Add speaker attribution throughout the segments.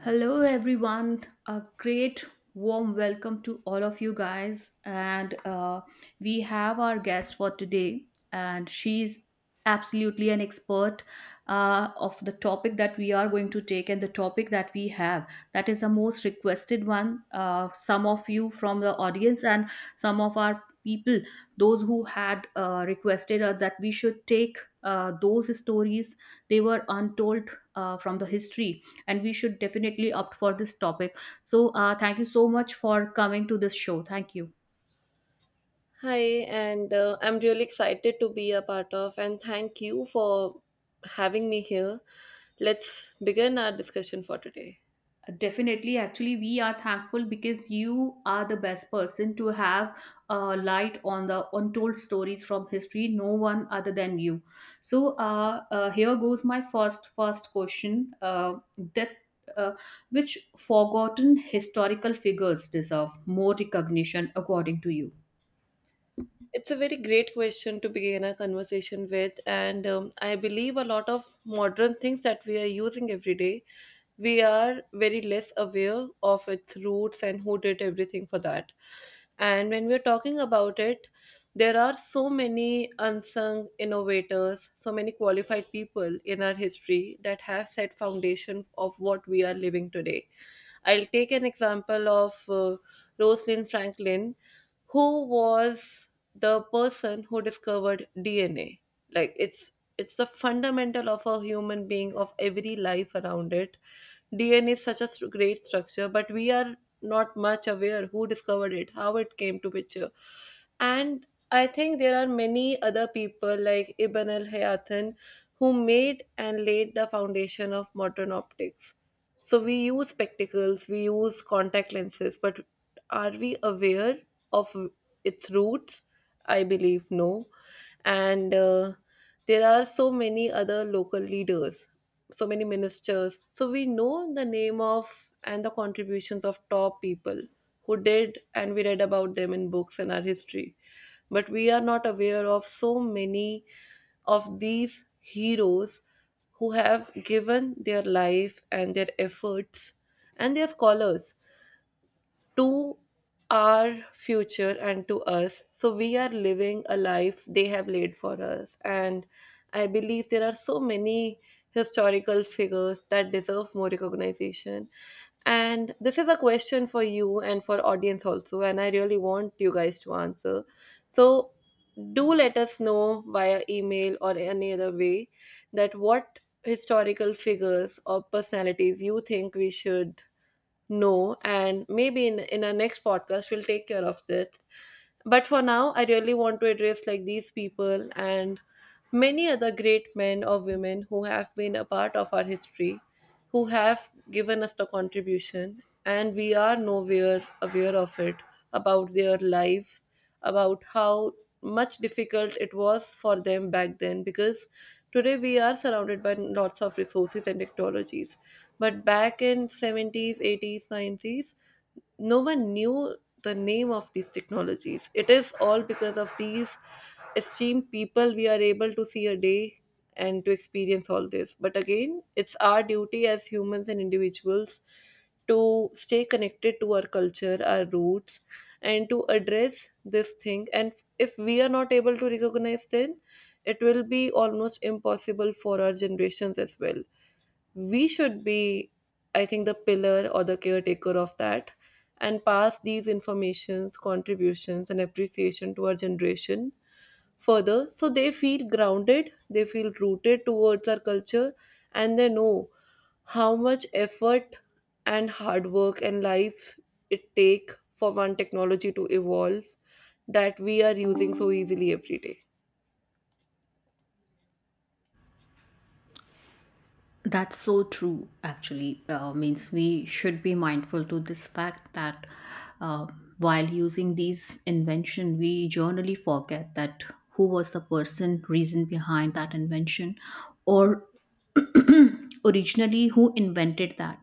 Speaker 1: Hello, everyone. A great warm welcome to all of you guys. And We have our guest for today, and she's absolutely an expert of the topic that we are going to take and the topic that we have. That is the most requested one. Some of you from the audience and some of our people, those who had requested that we should take those stories, they were untold from the history, and we should definitely opt for this topic, so thank you so much for coming to this show. Thank you.
Speaker 2: Hi, and I'm really excited to be a part of, and thank you for having me here. Let's begin our discussion for today.
Speaker 1: Definitely, actually, we are thankful because you are the best person to have light on the untold stories from history, no one other than you. So here goes my first question, that uh, which forgotten historical figures deserve more recognition according to you?
Speaker 2: It's a very great question to begin a conversation with, and I believe a lot of modern things that we are using every day we are very less aware of its roots and who did everything for that. And when we're talking about it, there are so many unsung innovators, so many qualified people in our history that have set foundation of what we are living today. I'll take an example of Rosalind Franklin, who was the person who discovered DNA. Like it's the fundamental of a human being of every life around it. DNA is such a great structure, but we are not much aware who discovered it, how it came to picture. And I think there are many other people like Ibn al Hayathan who made and laid the foundation of modern optics. So we use spectacles, we use contact lenses, but are we aware of its roots, I believe no. And there are so many other local leaders, so many ministers, so we know the name of and the contributions of top people who did, and we read about them in books and our history, but we are not aware of so many of these heroes who have given their life and their efforts and their scholars to our future and to us. So we are living a life they have laid for us. And I believe there are so many historical figures that deserve more recognition. And this is a question for you and for audience also, and I really want you guys to answer. So do let us know via email or any other way that what historical figures or personalities you think we should no, and maybe in our next podcast we'll take care of this. But for now, I really want to address like these people and many other great men or women who have been a part of our history, who have given us the contribution, and we are nowhere aware of it about their lives, about how much difficult it was for them back then, because today we are surrounded by lots of resources and technologies, but back in 70s, 80s, 90s, no one knew the name of these technologies. It is all because of these esteemed people we are able to see a day and to experience all this. But again, it's our duty as humans and individuals to stay connected to our culture, our roots, and to address this thing. And if we are not able to recognize then, it will be almost impossible for our generations as well. We should be, I think, the pillar or the caretaker of that, and pass these informations, contributions and appreciation to our generation further, so they feel grounded, they feel rooted towards our culture, and they know how much effort and hard work and lives it take for one technology to evolve that we are using so easily every day.
Speaker 1: That's so true, actually. Means we should be mindful to this fact that, uh, while using these invention, we generally forget that who was the person, reason behind that invention, or originally who invented that.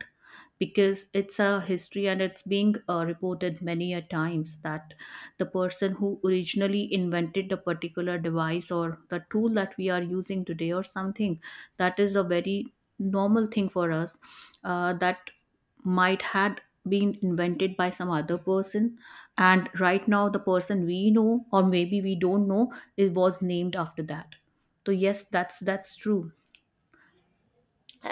Speaker 1: Because it's a history and it's being reported many a times that the person who originally invented the particular device or the tool that we are using today, or something that is a very normal thing for us, that might had been invented by some other person, and right now the person we know, or maybe we don't know, it was named after that. So yes, that's true.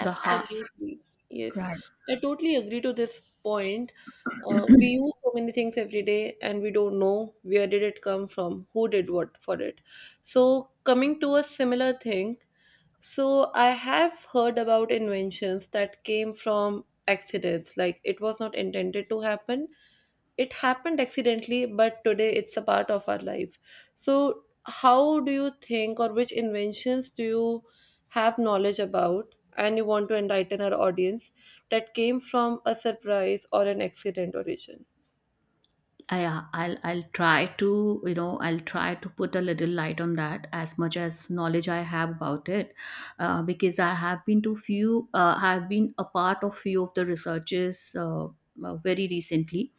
Speaker 1: The heart,
Speaker 2: Yes.
Speaker 1: right.
Speaker 2: I totally agree to this point. We use so many things every day and we don't know where did it come from, who did what for it. So coming to a similar thing, so I have heard about inventions that came from accidents, like it was not intended to happen, it happened accidentally, but today it's a part of our life. So how do you think, or which inventions do you have knowledge about and you want to enlighten our audience that came from a surprise or an accident origin?
Speaker 1: I, I'll try to, you know, I'll try to put a little light on that as much as knowledge I have about it, because I have been to few, I've been a part of few of the researches, very recently.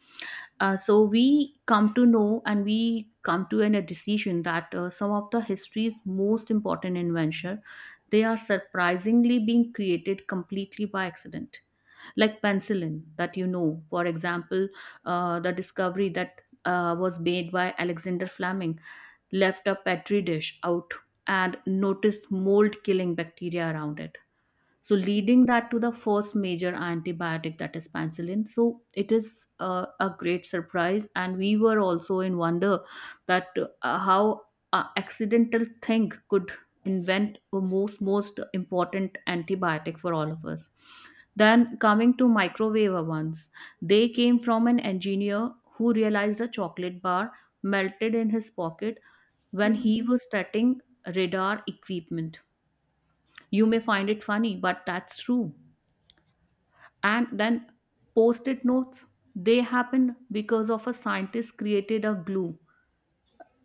Speaker 1: So we come to know and we come to a decision that, some of the history's most important invention, they are surprisingly being created completely by accident. Like penicillin, that, you know, for example, the discovery that was made by Alexander Fleming, left a petri dish out and noticed mold killing bacteria around it, so leading that to the first major antibiotic, that is penicillin. So it is a great surprise, and we were also in wonder that, how accidental thing could invent a most important antibiotic for all of us. Then coming to microwave ovens, they came from an engineer who realized a chocolate bar melted in his pocket when he was setting radar equipment. You may find it funny, but that's true. And then post-it notes, they happened because of a scientist created a glue.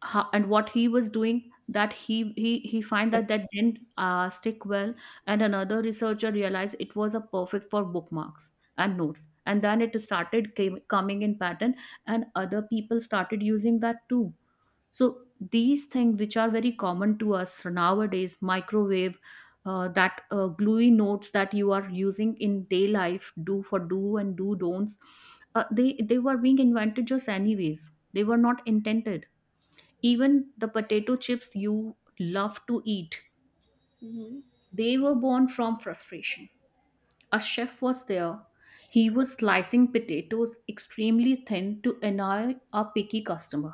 Speaker 1: And what he was doing, that he find that that didn't stick well, and another researcher realized it was a perfect for bookmarks and notes, and then it started coming in pattern, and other people started using that too. So these things which are very common to us nowadays, microwave, that gluey notes that you are using in day life do for do and do don'ts, they were being invented just anyways, they were not intended. Even the potato chips you love to eat,
Speaker 2: Hmm.
Speaker 1: they were born from frustration. A chef was there. He was slicing potatoes extremely thin to annoy a picky customer.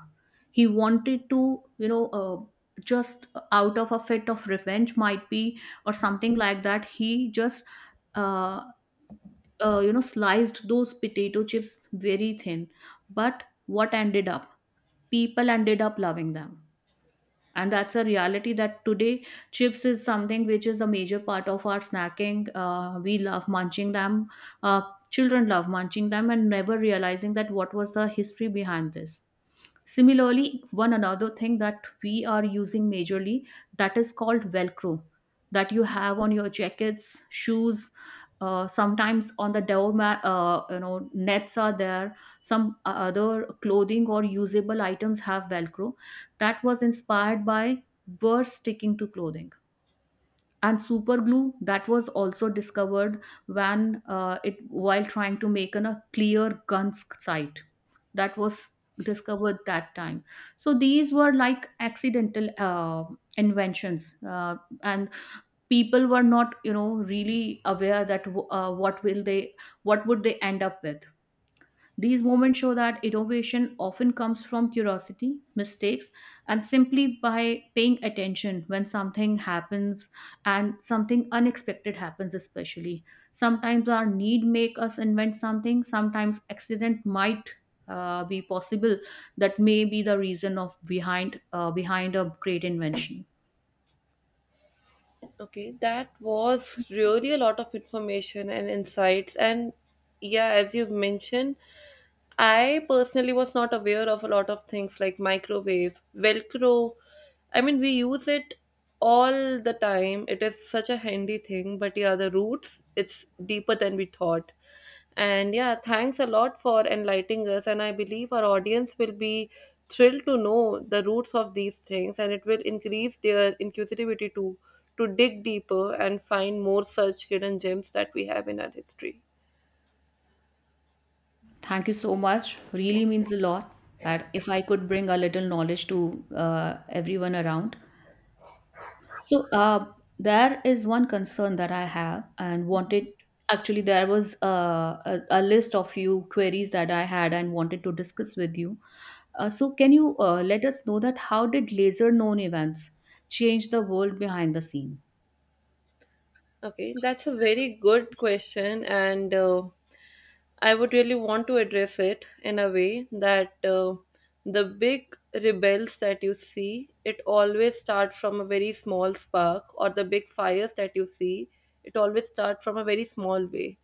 Speaker 1: He wanted to, you know, just out of a fit of revenge, might be, or something like that. He just, uh, you know, sliced those potato chips very thin. But what ended up? People ended up loving them, and that's a reality that today chips is something which is a major part of our snacking. We love munching them, uh, children love munching them and never realizing that what was the history behind this. Similarly, one another thing that we are using majorly, that is called Velcro, that you have on your jackets, shoes. Sometimes on the doormat, you know, nets are there. Some other clothing or usable items have Velcro. That was inspired by birds sticking to clothing, and super glue, that was also discovered when, it while trying to make a clear gun sight, that was discovered that time. So these were like accidental inventions, and people were not, you know, really aware that, what will they, what would they end up with. These moments show that innovation often comes from curiosity, mistakes, and simply by paying attention when something happens, and something unexpected happens, especially. Sometimes our need make us invent something, sometimes accident might be possible, that may be the reason of behind, behind a great invention.
Speaker 2: Okay, that was really a lot of information and insights. And yeah, as you mentioned, I personally was not aware of a lot of things like microwave, Velcro. I mean, we use it all the time. It is such a handy thing, but yeah, the roots, it's deeper than we thought. And yeah, thanks a lot for enlightening us. And I believe our audience will be thrilled to know the roots of these things and it will increase their inquisitivity to dig deeper and find more such hidden gems that we have in our history.
Speaker 1: Thank you so much. Really means a lot that if I could bring a little knowledge to everyone around. So there is one concern that I have and wanted. Actually, there was, a list of few queries that I had and wanted to discuss with you. So can you let us know that how did laser known events change the world behind the scenes?
Speaker 2: Okay, that's a very good question, and I would really want to address it in a way that the big rebels that you see, it always start from a very small spark, or the big fires that you see, it always start from a very small way.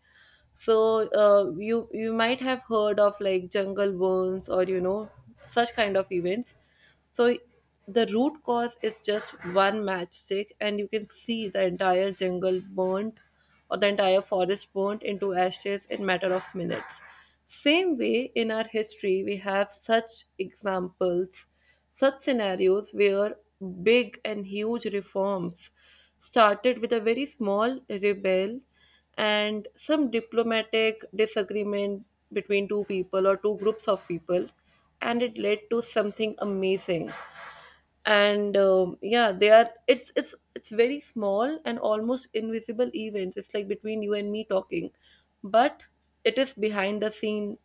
Speaker 2: So you might have heard of like jungle burns or you know such kind of events. So the root cause is just one matchstick, and you can see the entire jungle burnt or the entire forest burnt into ashes in matter of minutes. Same way, in our history, we have such examples, such scenarios where big and huge reforms started with a very small rebel and some diplomatic disagreement between two people or two groups of people, and it led to something amazing. And yeah, they are, it's very small and almost invisible events, it's like between you and me talking, but it is behind the scene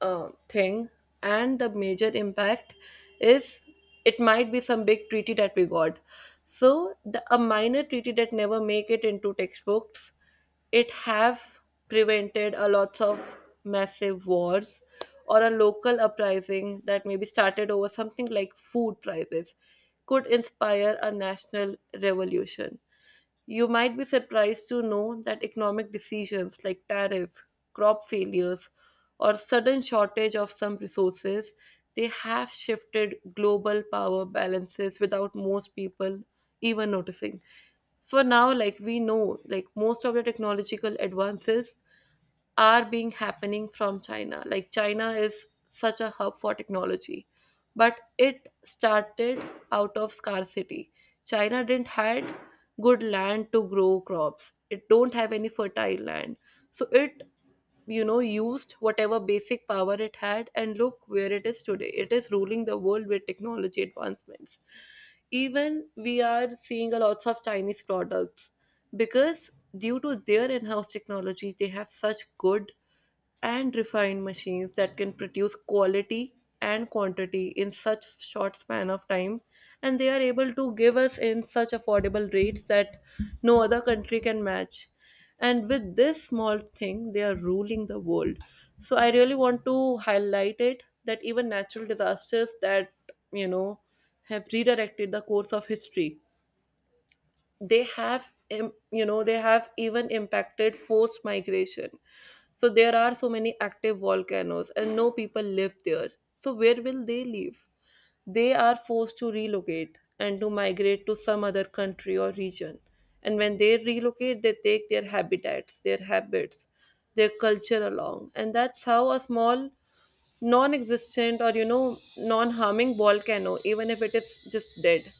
Speaker 2: thing, and the major impact is it might be some big treaty that we got. So a minor treaty that never make it into textbooks, it have prevented a lots of massive wars, or a local uprising that maybe started over something like food prices could inspire a national revolution. You might be surprised to know that economic decisions like tariff, crop failures, or sudden shortage of some resources, they have shifted global power balances without most people even noticing. For now, like we know, like most of the technological advances are being happening from China. Like China is such a hub for technology, but it started out of scarcity. China didn't had good land to grow crops. It don't have any fertile land, so it you know used whatever basic power it had, and look where it is today, it is ruling the world with technology advancements. Even we are seeing a lots of Chinese products because due to their in-house technology, they have such good and refined machines that can produce quality and quantity in such short span of time, and they are able to give us in such affordable rates that no other country can match, and with this small thing they are ruling the world. So I really want to highlight it that even natural disasters that you know have redirected the course of history, they have you know they have even impacted forced migration. So there are so many active volcanoes and no people live there, so where will they live? They are forced to relocate and to migrate to some other country or region, and when they relocate they take their habitats, their habits, their culture along, and that's how a small non-existent or you know non-harming volcano, even if it is just dead,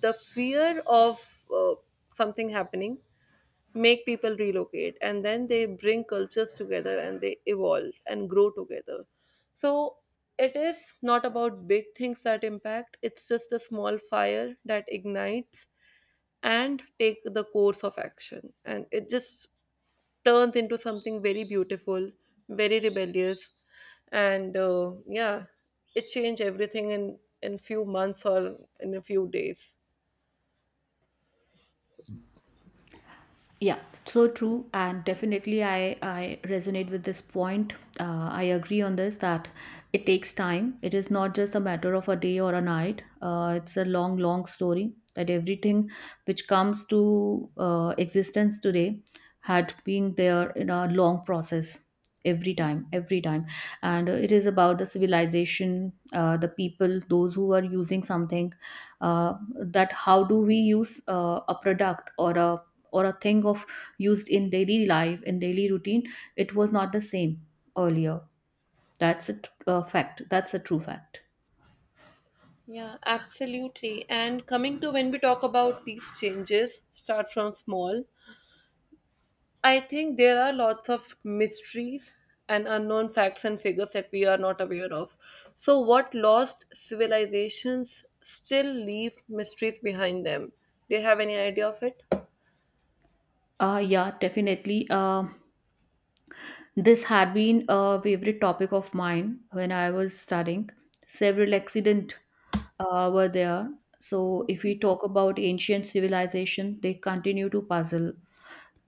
Speaker 2: the fear of something happening make people relocate, and then they bring cultures together and they evolve and grow together. So it is not about big things that impact, it's just a small fire that ignites and take the course of action, and it just turns into something very beautiful, very rebellious, and yeah, it changed everything in few months or in a few days.
Speaker 1: Yeah, so true, and definitely I resonate with this point. I agree on this that it takes time. It is not just a matter of a day or a night. It's a long, long story that everything which comes to existence today had been there in a long process every time, and it is about the civilization, the people, those who are using something, that how do we use a product or a, or a thing of used in daily life, in daily routine, it was not the same earlier. Fact, that's a true fact.
Speaker 2: Yeah, absolutely. And coming to when we talk about these changes, start from small. I think there are lots of mysteries and unknown facts and figures that we are not aware of. So, what lost civilizations still leave mysteries behind them? Do you have any idea of it?
Speaker 1: Yeah, definitely. This had been a favorite topic of mine when I was studying. Several accident were there. So if we talk about ancient civilization, they continue to puzzle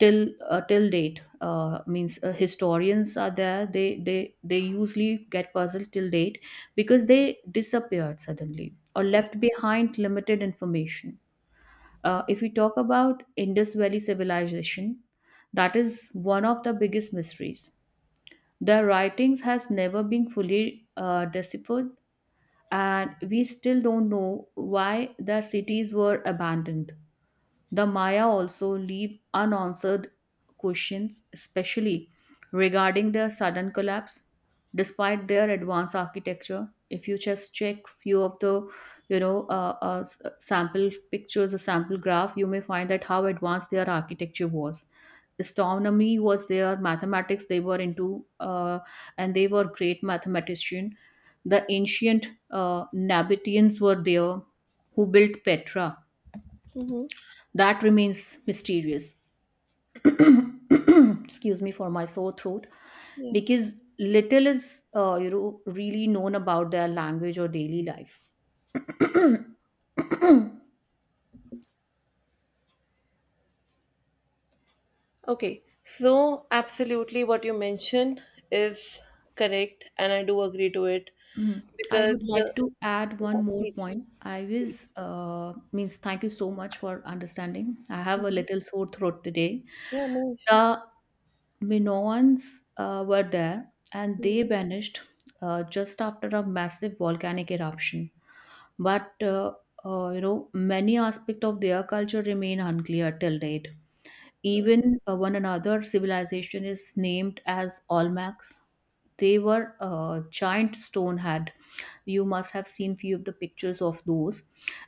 Speaker 1: till, till date. Means Historians are there, they usually get puzzled till date because they disappeared suddenly or left behind limited information. Uh, if we talk about Indus Valley civilization, that is one of the biggest mysteries. Their writings has never been fully deciphered, and we still don't know why their cities were abandoned. The Maya also leave unanswered questions, especially regarding their sudden collapse. Despite their advanced architecture, if you just check few of the, you know, sample pictures, a sample graph, you may find that how advanced their architecture was. Astronomy was their mathematics; they were into and they were great mathematician. The ancient Nabateans were there, who built Petra,
Speaker 2: Mm-hmm.
Speaker 1: that remains mysterious. Excuse me for my sore throat,
Speaker 2: Yeah.
Speaker 1: because little is, you know, really known about their language or daily life.
Speaker 2: Okay, so absolutely what you mentioned is correct, and I do agree to it
Speaker 1: I would
Speaker 2: because,
Speaker 1: like to add one
Speaker 2: yeah,
Speaker 1: more
Speaker 2: please,
Speaker 1: point. i was
Speaker 2: please.
Speaker 1: uh, means thank you so much for understanding, I have a little sore throat today.
Speaker 2: Yeah, no issues.
Speaker 1: The Minoans were there, and they
Speaker 2: Mhm.
Speaker 1: vanished just after a massive volcanic eruption. But you know, many aspects of their culture remain unclear till date.
Speaker 2: No.
Speaker 1: Even one another civilization is named as Olmecs. They were giant stone head. You must have seen few of the pictures of those,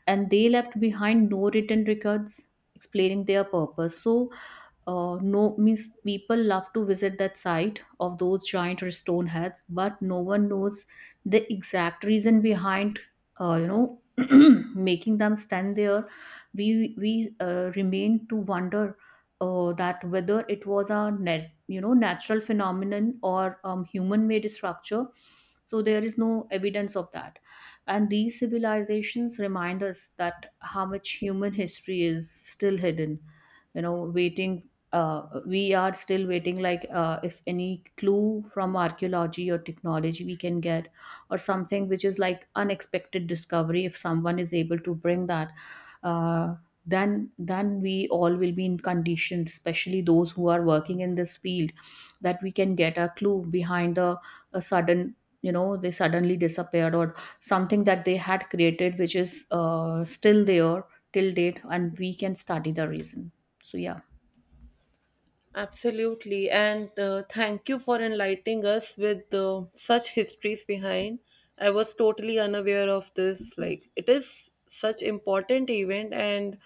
Speaker 1: and they left behind no written records explaining their purpose. So no means people love to visit that site of those giant stone heads, but no one knows the exact reason behind, you know, making them stand there. We remain to wonder that whether it was a, net you know natural phenomenon or human made structure. So there is no evidence of that, and these civilizations remind us that how much human history is still hidden, you know, waiting. We are still waiting, like, if any clue from archaeology or technology we can get, or something which is like unexpected discovery, if someone is able to bring that, uh, then we all will be in condition, especially those who are working in this field, that we can get a clue behind the a sudden, you know, they suddenly disappeared, or something that they had created which is still there till date, and we can study the reason. So yeah.
Speaker 2: Absolutely. And thank you for enlightening us with such histories behind. I was totally unaware of this. Like, it is such important event, and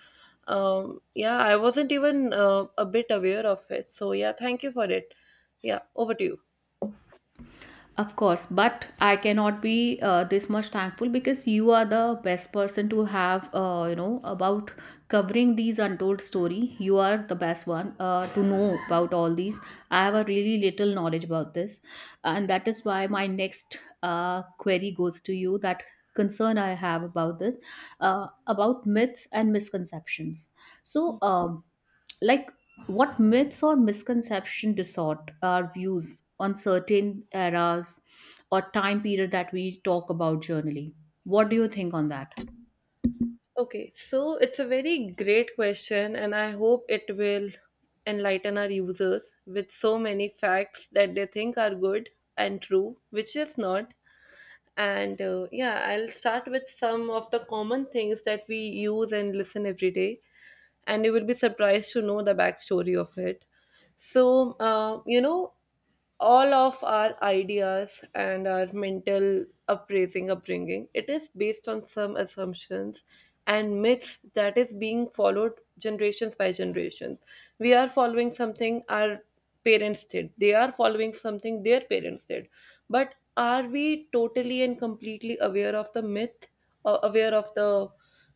Speaker 2: yeah, I wasn't even a bit aware of it. So yeah, thank you for it. Yeah, over to you.
Speaker 1: Of course, but I cannot be this much thankful because you are the best person to have, you know, about covering these untold story. You are the best one to know about all these. I have a really little knowledge about this, and that is why my next query goes to you. That concern I have about this, about myths and misconceptions. So, like what myths or misconception distort our views on certain eras or time period that we talk about generally, what do you think on that?
Speaker 2: Okay, so it's a very great question, and I hope it will enlighten our users with so many facts that they think are good and true, which is not. And yeah, I'll start with some of the common things that we use and listen every day, and you will be surprised to know the backstory of it. So, uh, you know, all of our ideas and our mental appraising upbringing it is based on some assumptions and myths that is being followed generations by generations. We are following something our parents did. They are following something their parents did. But are we totally and completely aware of the myth or aware of the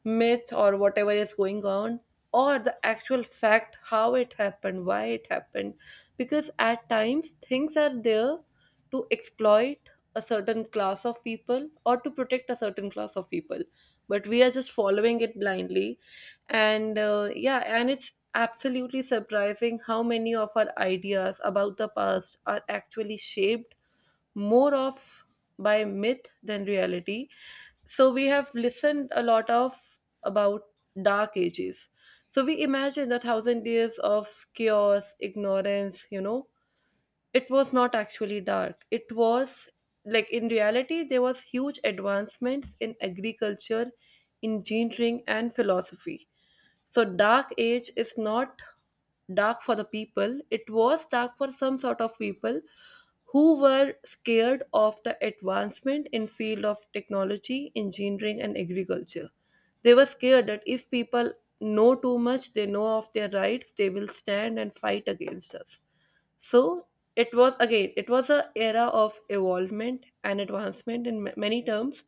Speaker 2: or whatever is going on, or the actual fact, how it happened, why it happened? Because at times things are there to exploit a certain class of people or to protect a certain class of people, but we are just following it blindly. And it's absolutely surprising how many of our ideas about the past are actually shaped more of by myth than reality. So we have listened a lot of about dark ages. So we imagine the thousand years of chaos, ignorance, it was not actually dark. It was like, in reality, there was huge advancements in agriculture, engineering and philosophy. So, dark age is not dark for the people, it was dark for some sort of people who were scared of the advancement in field of technology, engineering and agriculture. They were scared that if people know too much, they know of their rights, they will stand and fight against us. So it was again, it was a era of evolvement and advancement in many terms,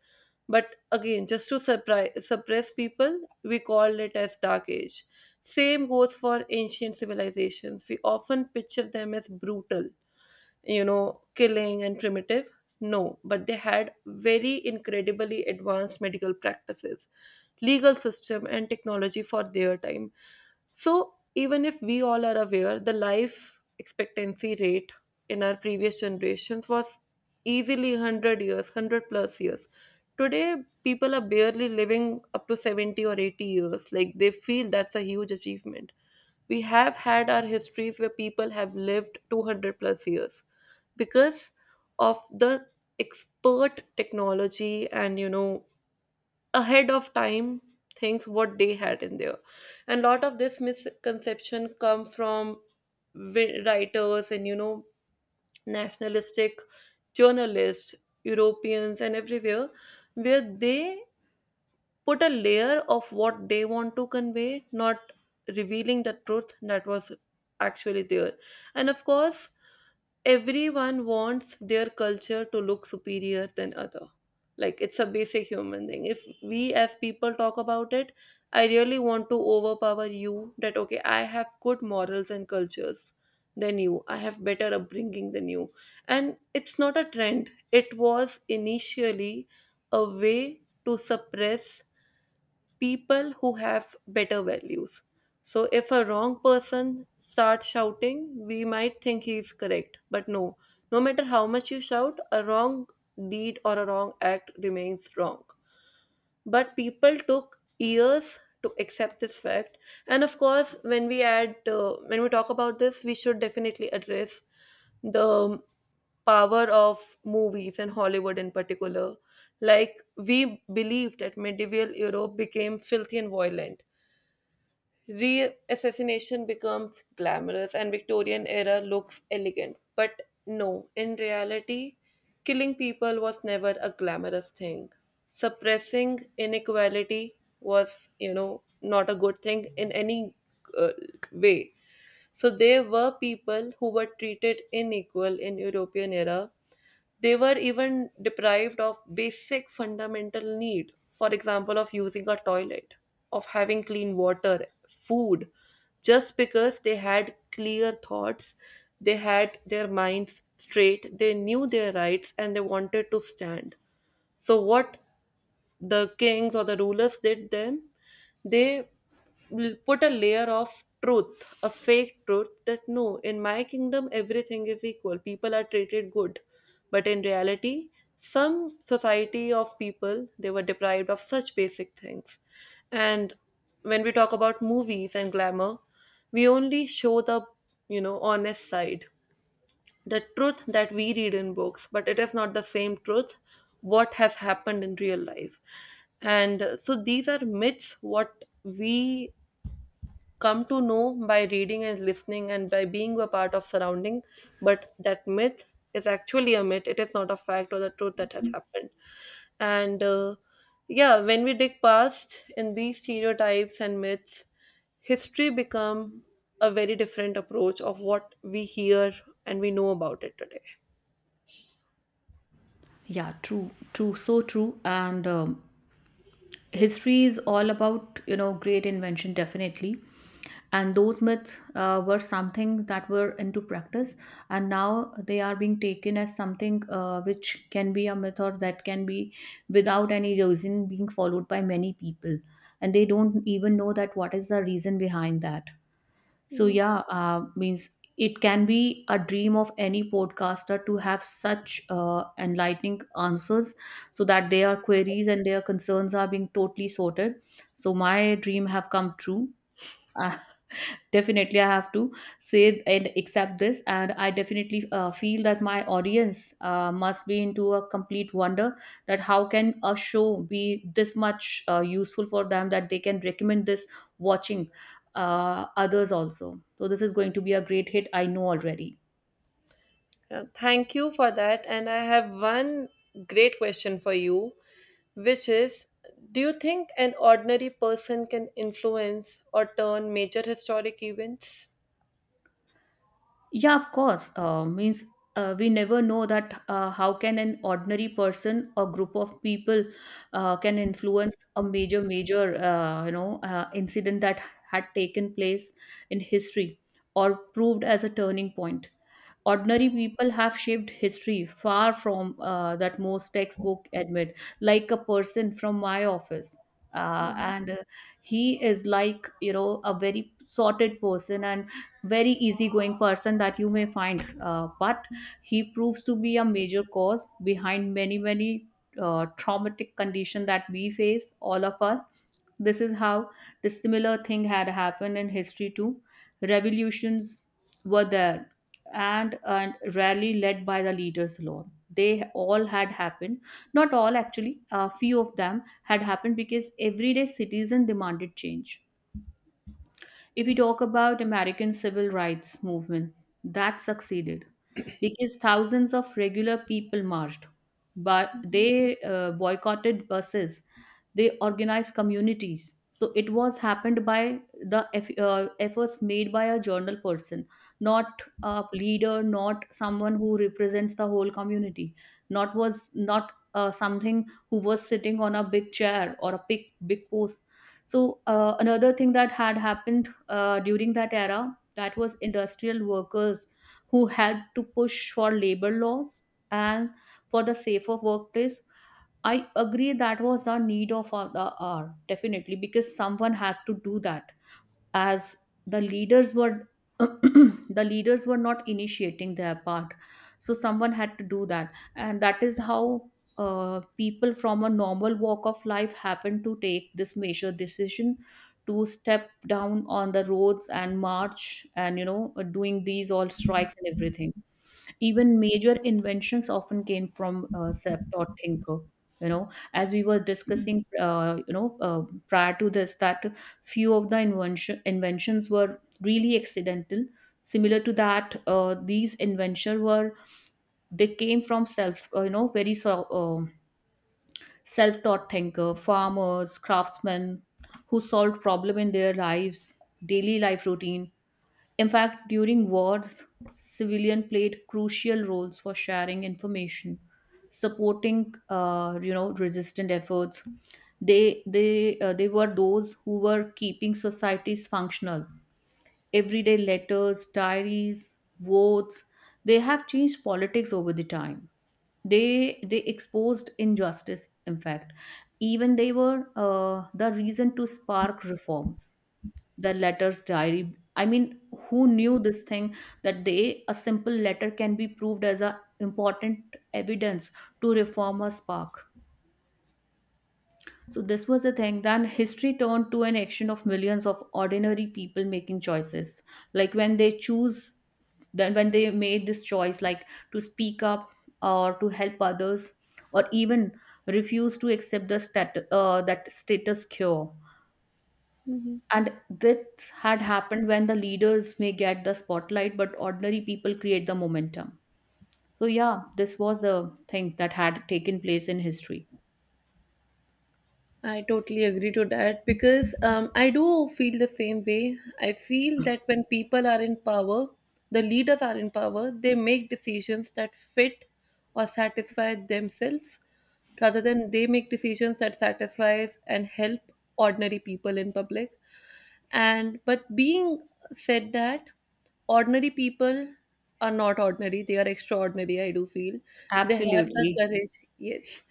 Speaker 2: but again, just to surprise, suppress people, we called it as Dark Age. Same goes for ancient civilizations. We often picture them as brutal, killing and primitive. No, but they had very incredibly advanced medical practices, legal system, and technology for their time. So, even if we all are aware, the life expectancy rate in our previous generations was easily 100 years, 100 plus years. Today, people are barely living up to 70 or 80 years. Like, they feel that's a huge achievement. We have had our histories where people have lived 200 plus years because of the expert technology and, ahead of time things what they had in there. And a lot of this misconception come from writers and, nationalistic journalists, europeans and everywhere, where they put a layer of what they want to convey, not revealing the truth that was actually there. And of course, everyone wants their culture to look superior than other. Like it's a basic human thing. If we as people talk about it, I really want to overpower you that okay, I have good morals and cultures than you. I have better upbringing than you. And it's not a trend. It was initially a way to suppress people who have better values. So if a wrong person starts shouting, we might think he's correct, but no. No matter how much you shout, a wrong deed or a wrong act remains wrong, but people took years to accept this fact. And of course, when we talk about this, we should definitely address the power of movies and hollywood in particular. Like, we believe that medieval europe became filthy and violent. Re-assassination becomes glamorous and Victorian era looks elegant. But no, in reality, killing people was never a glamorous thing. Suppressing inequality was, you know, not a good thing in any uh, way. So there were people who were treated unequal in European era. They were even deprived of basic fundamental need, for example, of using a toilet, of having clean water, food, just because they had clear thoughts, they had their minds straight, they knew their rights, and they wanted to stand. So, what the kings or the rulers did them, they put a layer of truth, a fake truth that no, in my kingdom everything is equal. People are treated good. But in reality, some society of people, they were deprived of such basic things. And when we talk about movies and glamour, we only show the, honest side, the truth that we read in books, but it is not the same truth what has happened in real life. And so these are myths what we come to know by reading and listening and by being a part of surrounding, but that myth is actually a myth. It is not a fact or the truth that has happened. And uh, yeah, when we dig past in these stereotypes and myths, history become a very different approach of what we hear and we know about it today.
Speaker 1: Yeah, true, true, so true. And history is all about, you know, great invention, definitely. And those myths were something that were into practice, and now they are being taken as something which can be a myth or that can be, without any reason, being followed by many people. And they don't even know that what is the reason behind that. So yeah, means it can be a dream of any podcaster to have such enlightening answers so that their queries and their concerns are being totally sorted. So my dream have come true. Definitely I have to say and accept this, and I definitely feel that my audience must be into a complete wonder that how can a show be this much useful for them that they can recommend this watching others also. So this is going to be a great hit, I know already.
Speaker 2: Yeah, thank you for that. And I have one great question for you, which is, do you think an ordinary person can influence or turn major historic events?
Speaker 1: Yeah, of course. Means we never know that how can an ordinary person or group of people can influence a major, major you know incident that had taken place in history or proved as a turning point. Ordinary people have shaped history far from that most textbook admit. Like a person from my office, and he is, like, you know, a very sorted person and very easygoing person that you may find, but he proves to be a major cause behind many many traumatic condition that we face, all of us. This is how the similar thing had happened in history too. Revolutions were there, and rarely led by the leaders alone. They all had happened, not all actually, a few of them had happened because everyday citizen demanded change. If we talk about American civil rights movement, that succeeded because thousands of regular people marched, but they boycotted buses, they organized communities. So it was happened by the efforts made by a journal person, not a leader, not someone who represents the whole community, not was not something who was sitting on a big chair or a big big post. So another thing that had happened during that era, that was industrial workers who had to push for labor laws and for the safer workplace. I agree that was the need of the hour, definitely, because someone had to do that, as the leaders were the leaders were not initiating their part, so someone had to do that. And that is how people from a normal walk of life happened to take this major decision to step down on the roads and march, and you know, doing these all strikes and everything. Even major inventions often came from self-taught thinker, you know, as we were discussing, prior to this that few of the inventions were really accidental. Similar to that, these inventions were, they came from self you know, self-taught thinker, farmers, craftsmen who solved problem in their lives, daily life routine. In fact, during wars, civilian played crucial roles for sharing information, supporting you know, resistant efforts. They were those who were keeping societies functional. Everyday letters, diaries, votes. They have changed politics over the time. They exposed injustice. In fact, even they were the reason to spark reforms, the letters diary, I mean, who knew this thing that they, a simple letter, can be proved as a important evidence to reform a spark. So this was the thing. Then history turned to an action of millions of ordinary people making choices, like when they choose, then when they made this choice, like to speak up or to help others or even refuse to accept the that status quo. And this had happened when the leaders may get the spotlight but ordinary people create the momentum. So yeah, this was the thing that had taken place in history.
Speaker 2: I totally agree to that because I do feel the same way. I feel that when people are in power, the leaders are in power, they make decisions that fit or satisfy themselves rather than they make decisions that satisfies and help ordinary people in public. And but being said that, ordinary people are not ordinary, they are extraordinary, I do feel they have the
Speaker 1: Absolutely.
Speaker 2: courage. Yes,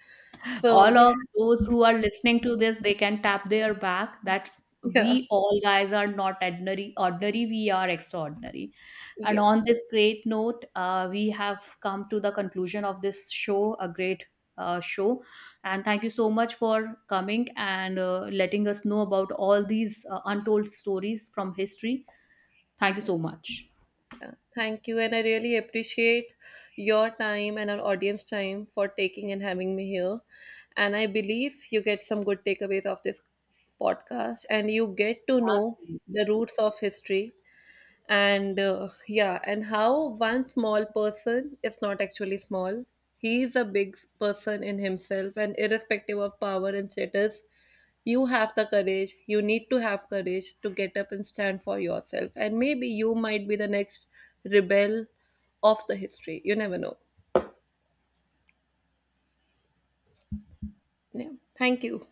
Speaker 2: so
Speaker 1: All
Speaker 2: they
Speaker 1: of
Speaker 2: have,
Speaker 1: those who are listening to this, they can tap their back that
Speaker 2: yeah.
Speaker 1: we all guys are not ordinary, we are extraordinary. And on
Speaker 2: Yes.
Speaker 1: this great note, we have come to the conclusion of this show, a great show. And thank you so much for coming and letting us know about all these untold stories from history. Thank you
Speaker 2: Yeah.
Speaker 1: so much.
Speaker 2: Yeah, thank you, and I really appreciate your time and our audience time for taking and having me here, and I believe you get some good takeaways of this podcast and you get to know
Speaker 1: Absolutely.
Speaker 2: the roots of history. And how one small person is not actually small, he is a big person in himself, and irrespective of power and status, you have the courage, you need to have courage to get up and stand for yourself, and maybe you might be the next rebel of the history, you never know. Yeah, thank you.